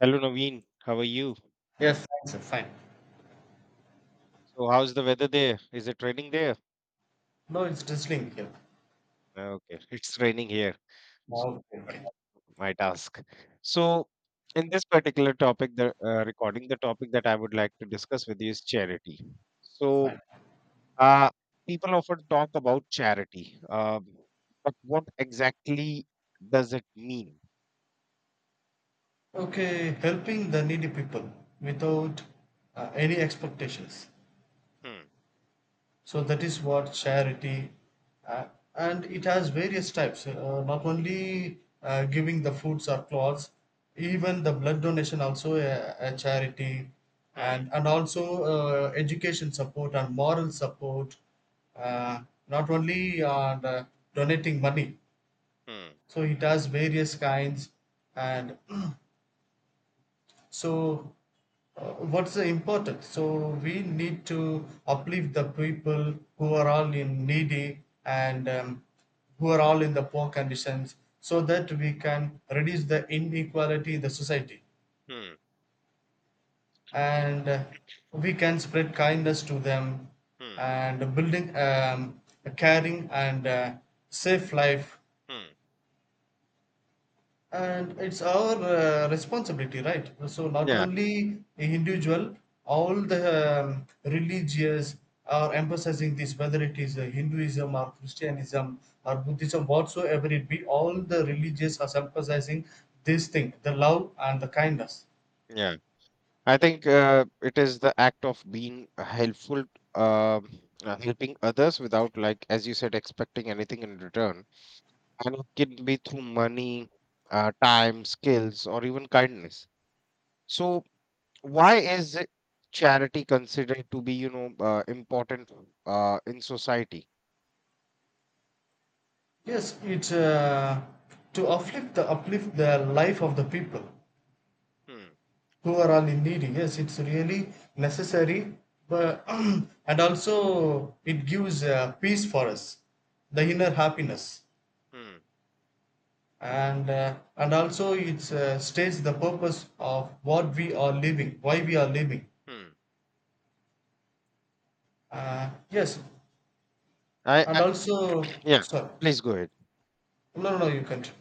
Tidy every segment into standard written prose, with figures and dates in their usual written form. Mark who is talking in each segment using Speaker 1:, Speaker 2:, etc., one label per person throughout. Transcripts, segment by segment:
Speaker 1: Hello Naveen, how are you?
Speaker 2: Yes,
Speaker 1: Good.
Speaker 2: fine, sir, fine.
Speaker 1: So how's the weather there? Is it raining there?
Speaker 2: No, it's drizzling here.
Speaker 1: Ah, okay, it's raining here. So
Speaker 2: No, okay, okay,
Speaker 1: my task. So in this particular topic, the recording, the topic that I would like to discuss with you is charity. So
Speaker 2: fine.
Speaker 1: uh, People often talk about charity, but what exactly does it mean?
Speaker 2: Okay, helping the needy people without any expectations.
Speaker 1: Hmm.
Speaker 2: So that is what charity, uh, and it has various types. Not only giving the foods or clothes, even the blood donation also a charity,
Speaker 1: Hmm.
Speaker 2: and also education support and moral support. Uh, Not only the donating money.
Speaker 1: Hmm.
Speaker 2: So it has various kinds, and so what's the importance? So we need to uplift the people who are all in needy and who are all in the poor conditions, so that we can reduce the inequality in the society,
Speaker 1: Hmm.
Speaker 2: and we can spread kindness to them,
Speaker 1: Hmm.
Speaker 2: and building a caring and safe life,
Speaker 1: Hmm.
Speaker 2: and it's our responsibility, right? So not
Speaker 1: Yeah,
Speaker 2: only individual, all the religious are emphasizing this, whether it is Hinduism or Christianism or Buddhism, whatsoever it be, all the religious are emphasizing this thing, the love and the kindness.
Speaker 1: yeah. I think it is the act of being helpful, um, helping others without, like, as you said, expecting anything in return. And it can be through money, time, skills, or even kindness. So, why is it charity considered to be, important in society?
Speaker 2: Yes, it's to uplift the life of the people
Speaker 1: Hmm,
Speaker 2: who are all in need. Yes, it's really necessary, but and also it gives peace for us, the
Speaker 1: hmm,
Speaker 2: inner happiness,
Speaker 1: hmm,
Speaker 2: and and also it states the purpose of what we are living, why we are living.
Speaker 1: hmm.
Speaker 2: Uh, yes.
Speaker 1: I,
Speaker 2: And
Speaker 1: I,
Speaker 2: also,
Speaker 1: yeah,
Speaker 2: sorry.
Speaker 1: please go ahead.
Speaker 2: No, no, no, you can't.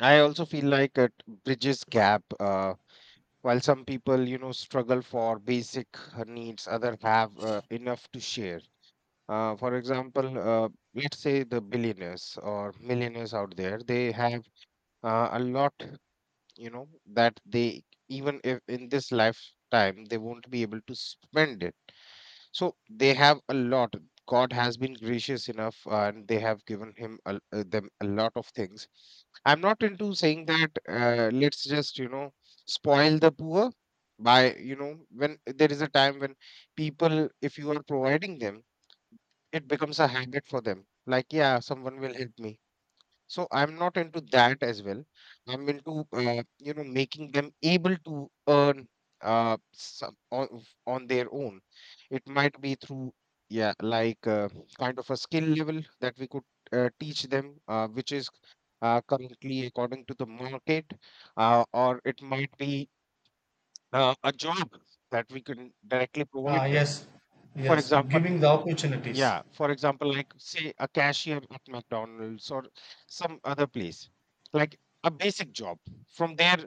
Speaker 1: I also feel like it bridges gap. While some people, you know, struggle for basic needs, others have enough to share. For example, let's say the billionaires or millionaires out there, they have a lot, you know, that they, even if in this lifetime they won't be able to spend it, so they have a lot. God has been gracious enough and they have given them a lot of things. I'm not into saying that, let's just, you know, spoil the poor by, you know, when there is a time when people, if you are providing them, it becomes a habit for them, like, yeah, someone will help me. So I'm not into that as well. I'm into, you know, making them able to earn uh some on, on their own. It might be through, yeah, like kind of a skill level that we could teach them, which is currently according to the market, or it might be a job that we can directly
Speaker 2: Ah,
Speaker 1: provide them.
Speaker 2: yes,
Speaker 1: For
Speaker 2: yes,
Speaker 1: example,
Speaker 2: giving the opportunities.
Speaker 1: yeah, for example, like say a cashier at McDonald's or some other place, like a basic job. From there,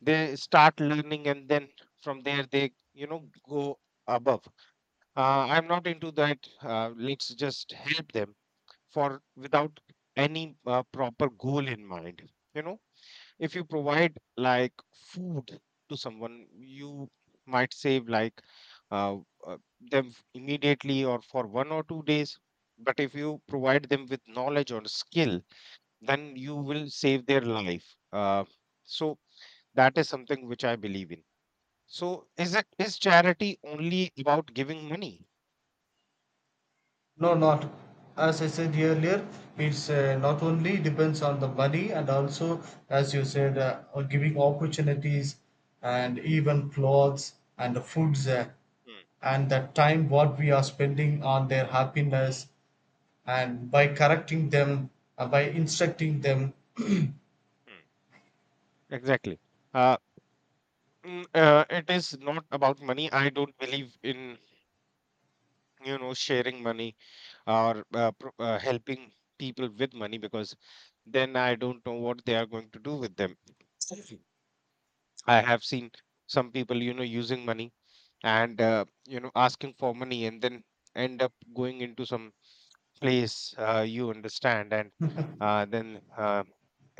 Speaker 1: they start learning, and then from there, they, you know, go above. I'm not into that. Let's just help them for without any proper goal in mind. You know, if you provide like food to someone, you might save like, uh, uh, immediately or for 1 or 2 days, but if you provide them with knowledge or skill, then you will save their life, so that is something which I believe in. So is charity only about giving money?
Speaker 2: No, not as I said earlier, it's not only depends on the money, and also, as you said, on giving opportunities and even clothes and the foods,
Speaker 1: Hmm,
Speaker 2: and the time what we are spending on their happiness, and by correcting them, by instructing them.
Speaker 1: hmm. Exactly. uh, it is not about money. I don't believe in, you know, sharing money, or helping people with money, because then I don't know what they are going to do with them. I have seen some people, you know, using money and, you know, asking for money and then end up going into some place, you understand, and then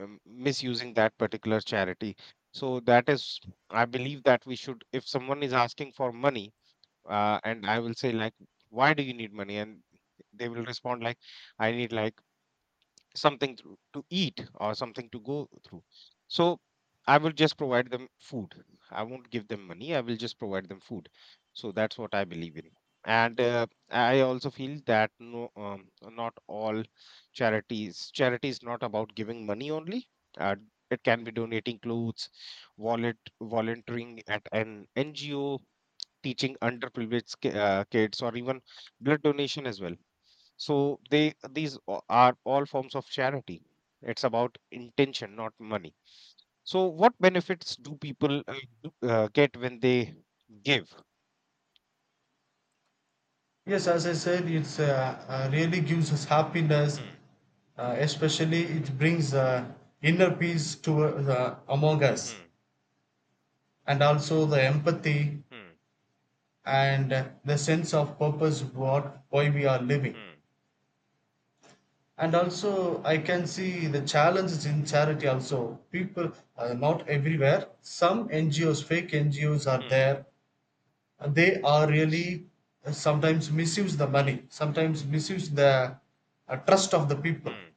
Speaker 1: misusing that particular charity. So that is, I believe that we should, if someone is asking for money, and I will say like, why do you need money? And they will respond like, I need like something to eat or something to go through. So I will just provide them food. I won't give them money. I will just provide them food. So that's what I believe in. And I also feel that no, not all charities. Charity is not about giving money only. Uh, it can be donating clothes, wallet, volunteering at an NGO, teaching underprivileged kids, or even blood donation as well. So are all forms of charity. It's about intention, not money. So what benefits do people get when they give?
Speaker 2: Yes, as I said, it's really gives us happiness.
Speaker 1: Hmm,
Speaker 2: Especially, it brings inner peace to among us,
Speaker 1: hmm,
Speaker 2: and also the empathy
Speaker 1: hmm,
Speaker 2: and the sense of purpose, what, why we are living.
Speaker 1: hmm,
Speaker 2: And also I can see the challenges in charity also. People are not everywhere, some NGOs, fake NGOs are
Speaker 1: hmm,
Speaker 2: there, and they are really sometimes misuse the
Speaker 1: hmm,
Speaker 2: money, sometimes misuse the trust of the people,
Speaker 1: hmm,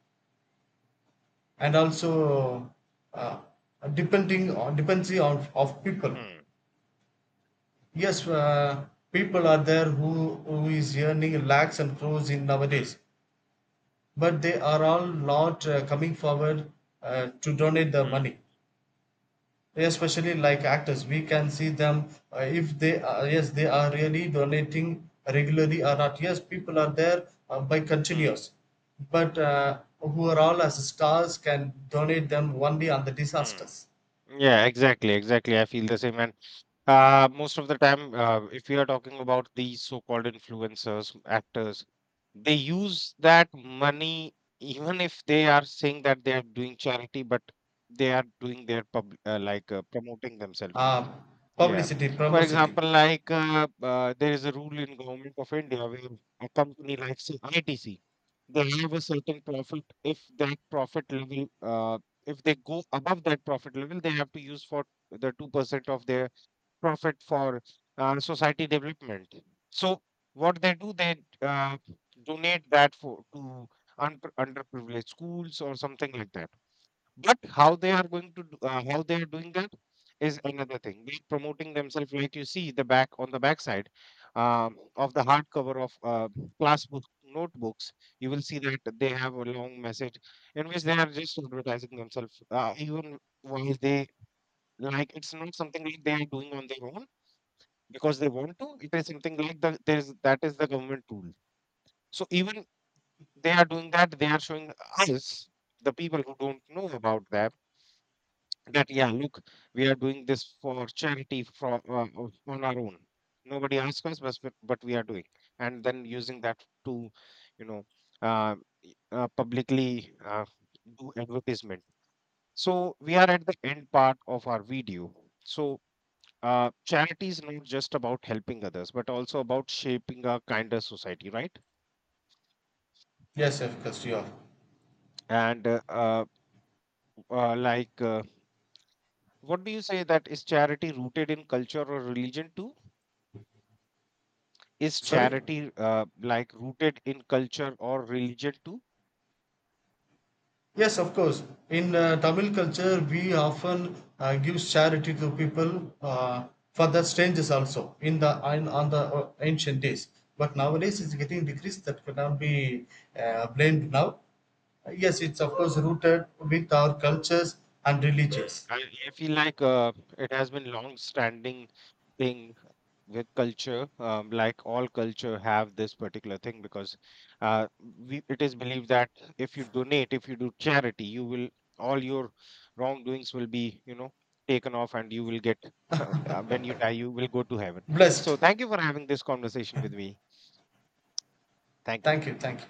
Speaker 2: and also uh, depending on dependency on of people.
Speaker 1: hmm,
Speaker 2: Yes, people are there who is earning lakhs and crores in nowadays,
Speaker 1: hmm,
Speaker 2: but they are all not coming forward to donate their
Speaker 1: hmm,
Speaker 2: money. Especially like actors, we can see them, if they are, yes, they are really donating regularly or not. Yes, people are there, by
Speaker 1: hmm,
Speaker 2: continuous, but who are all as stars can donate them only on the
Speaker 1: hmm.
Speaker 2: disasters.
Speaker 1: Yeah, exactly, exactly. I feel the same. And most of the time, if we are talking about these so-called influencers, actors, they use that money, even if they are saying that they are doing charity, but they are doing their pub like promoting themselves.
Speaker 2: Uh,
Speaker 1: Yeah.
Speaker 2: Publicity,
Speaker 1: For
Speaker 2: promosity.
Speaker 1: example, like, there is a rule in government of India where a company like say ITC, they have a certain profit. If that profit level, if they go above that profit level, they have to use for the 2% of their profit for society development. So what they do, they donate that for to underprivileged schools or something like that. But how they are going to do, how they are doing that is another thing. They're promoting themselves, like you see the back on the backside of the hardcover of class book notebooks. You will see that they have a long message in which they are just advertising themselves, even while they, like, it's not something like they are doing on their own because they want to. It is something like the there's that is the government tool. So even they are doing that, they are showing us, the people who don't know about that, that, yeah, look, we are doing this for charity from, on our own. Nobody asked us, but we are doing, and then using that to, you know, uh, publicly do advertisement. So we are at the end part of our video. So charity is not just about helping others, but also about shaping a kinder society, right?
Speaker 2: Yes, of course, you are.
Speaker 1: And uh, like, uh, what do you say, that is charity rooted in culture or religion too? Is
Speaker 2: Sorry?
Speaker 1: charity, like, rooted in culture or religion too?
Speaker 2: Yes, of course. In Tamil culture, we often give charity to people, for the strangers also, in the in, on the ancient days. But nowadays, it's getting decreased. That cannot be blamed now. Yes, it's of course rooted with our cultures and
Speaker 1: Mm.
Speaker 2: religions.
Speaker 1: I feel like it has been long-standing thing with culture. Like all culture have this particular thing, because uh, it is believed that if you donate, if you do charity, you will, all your wrongdoings will be, you know, taken off, and you will get, when you die, you will go to heaven. So
Speaker 2: Blessed.
Speaker 1: thank you for having this conversation with me. Thank you.
Speaker 2: Thank you. Thank you.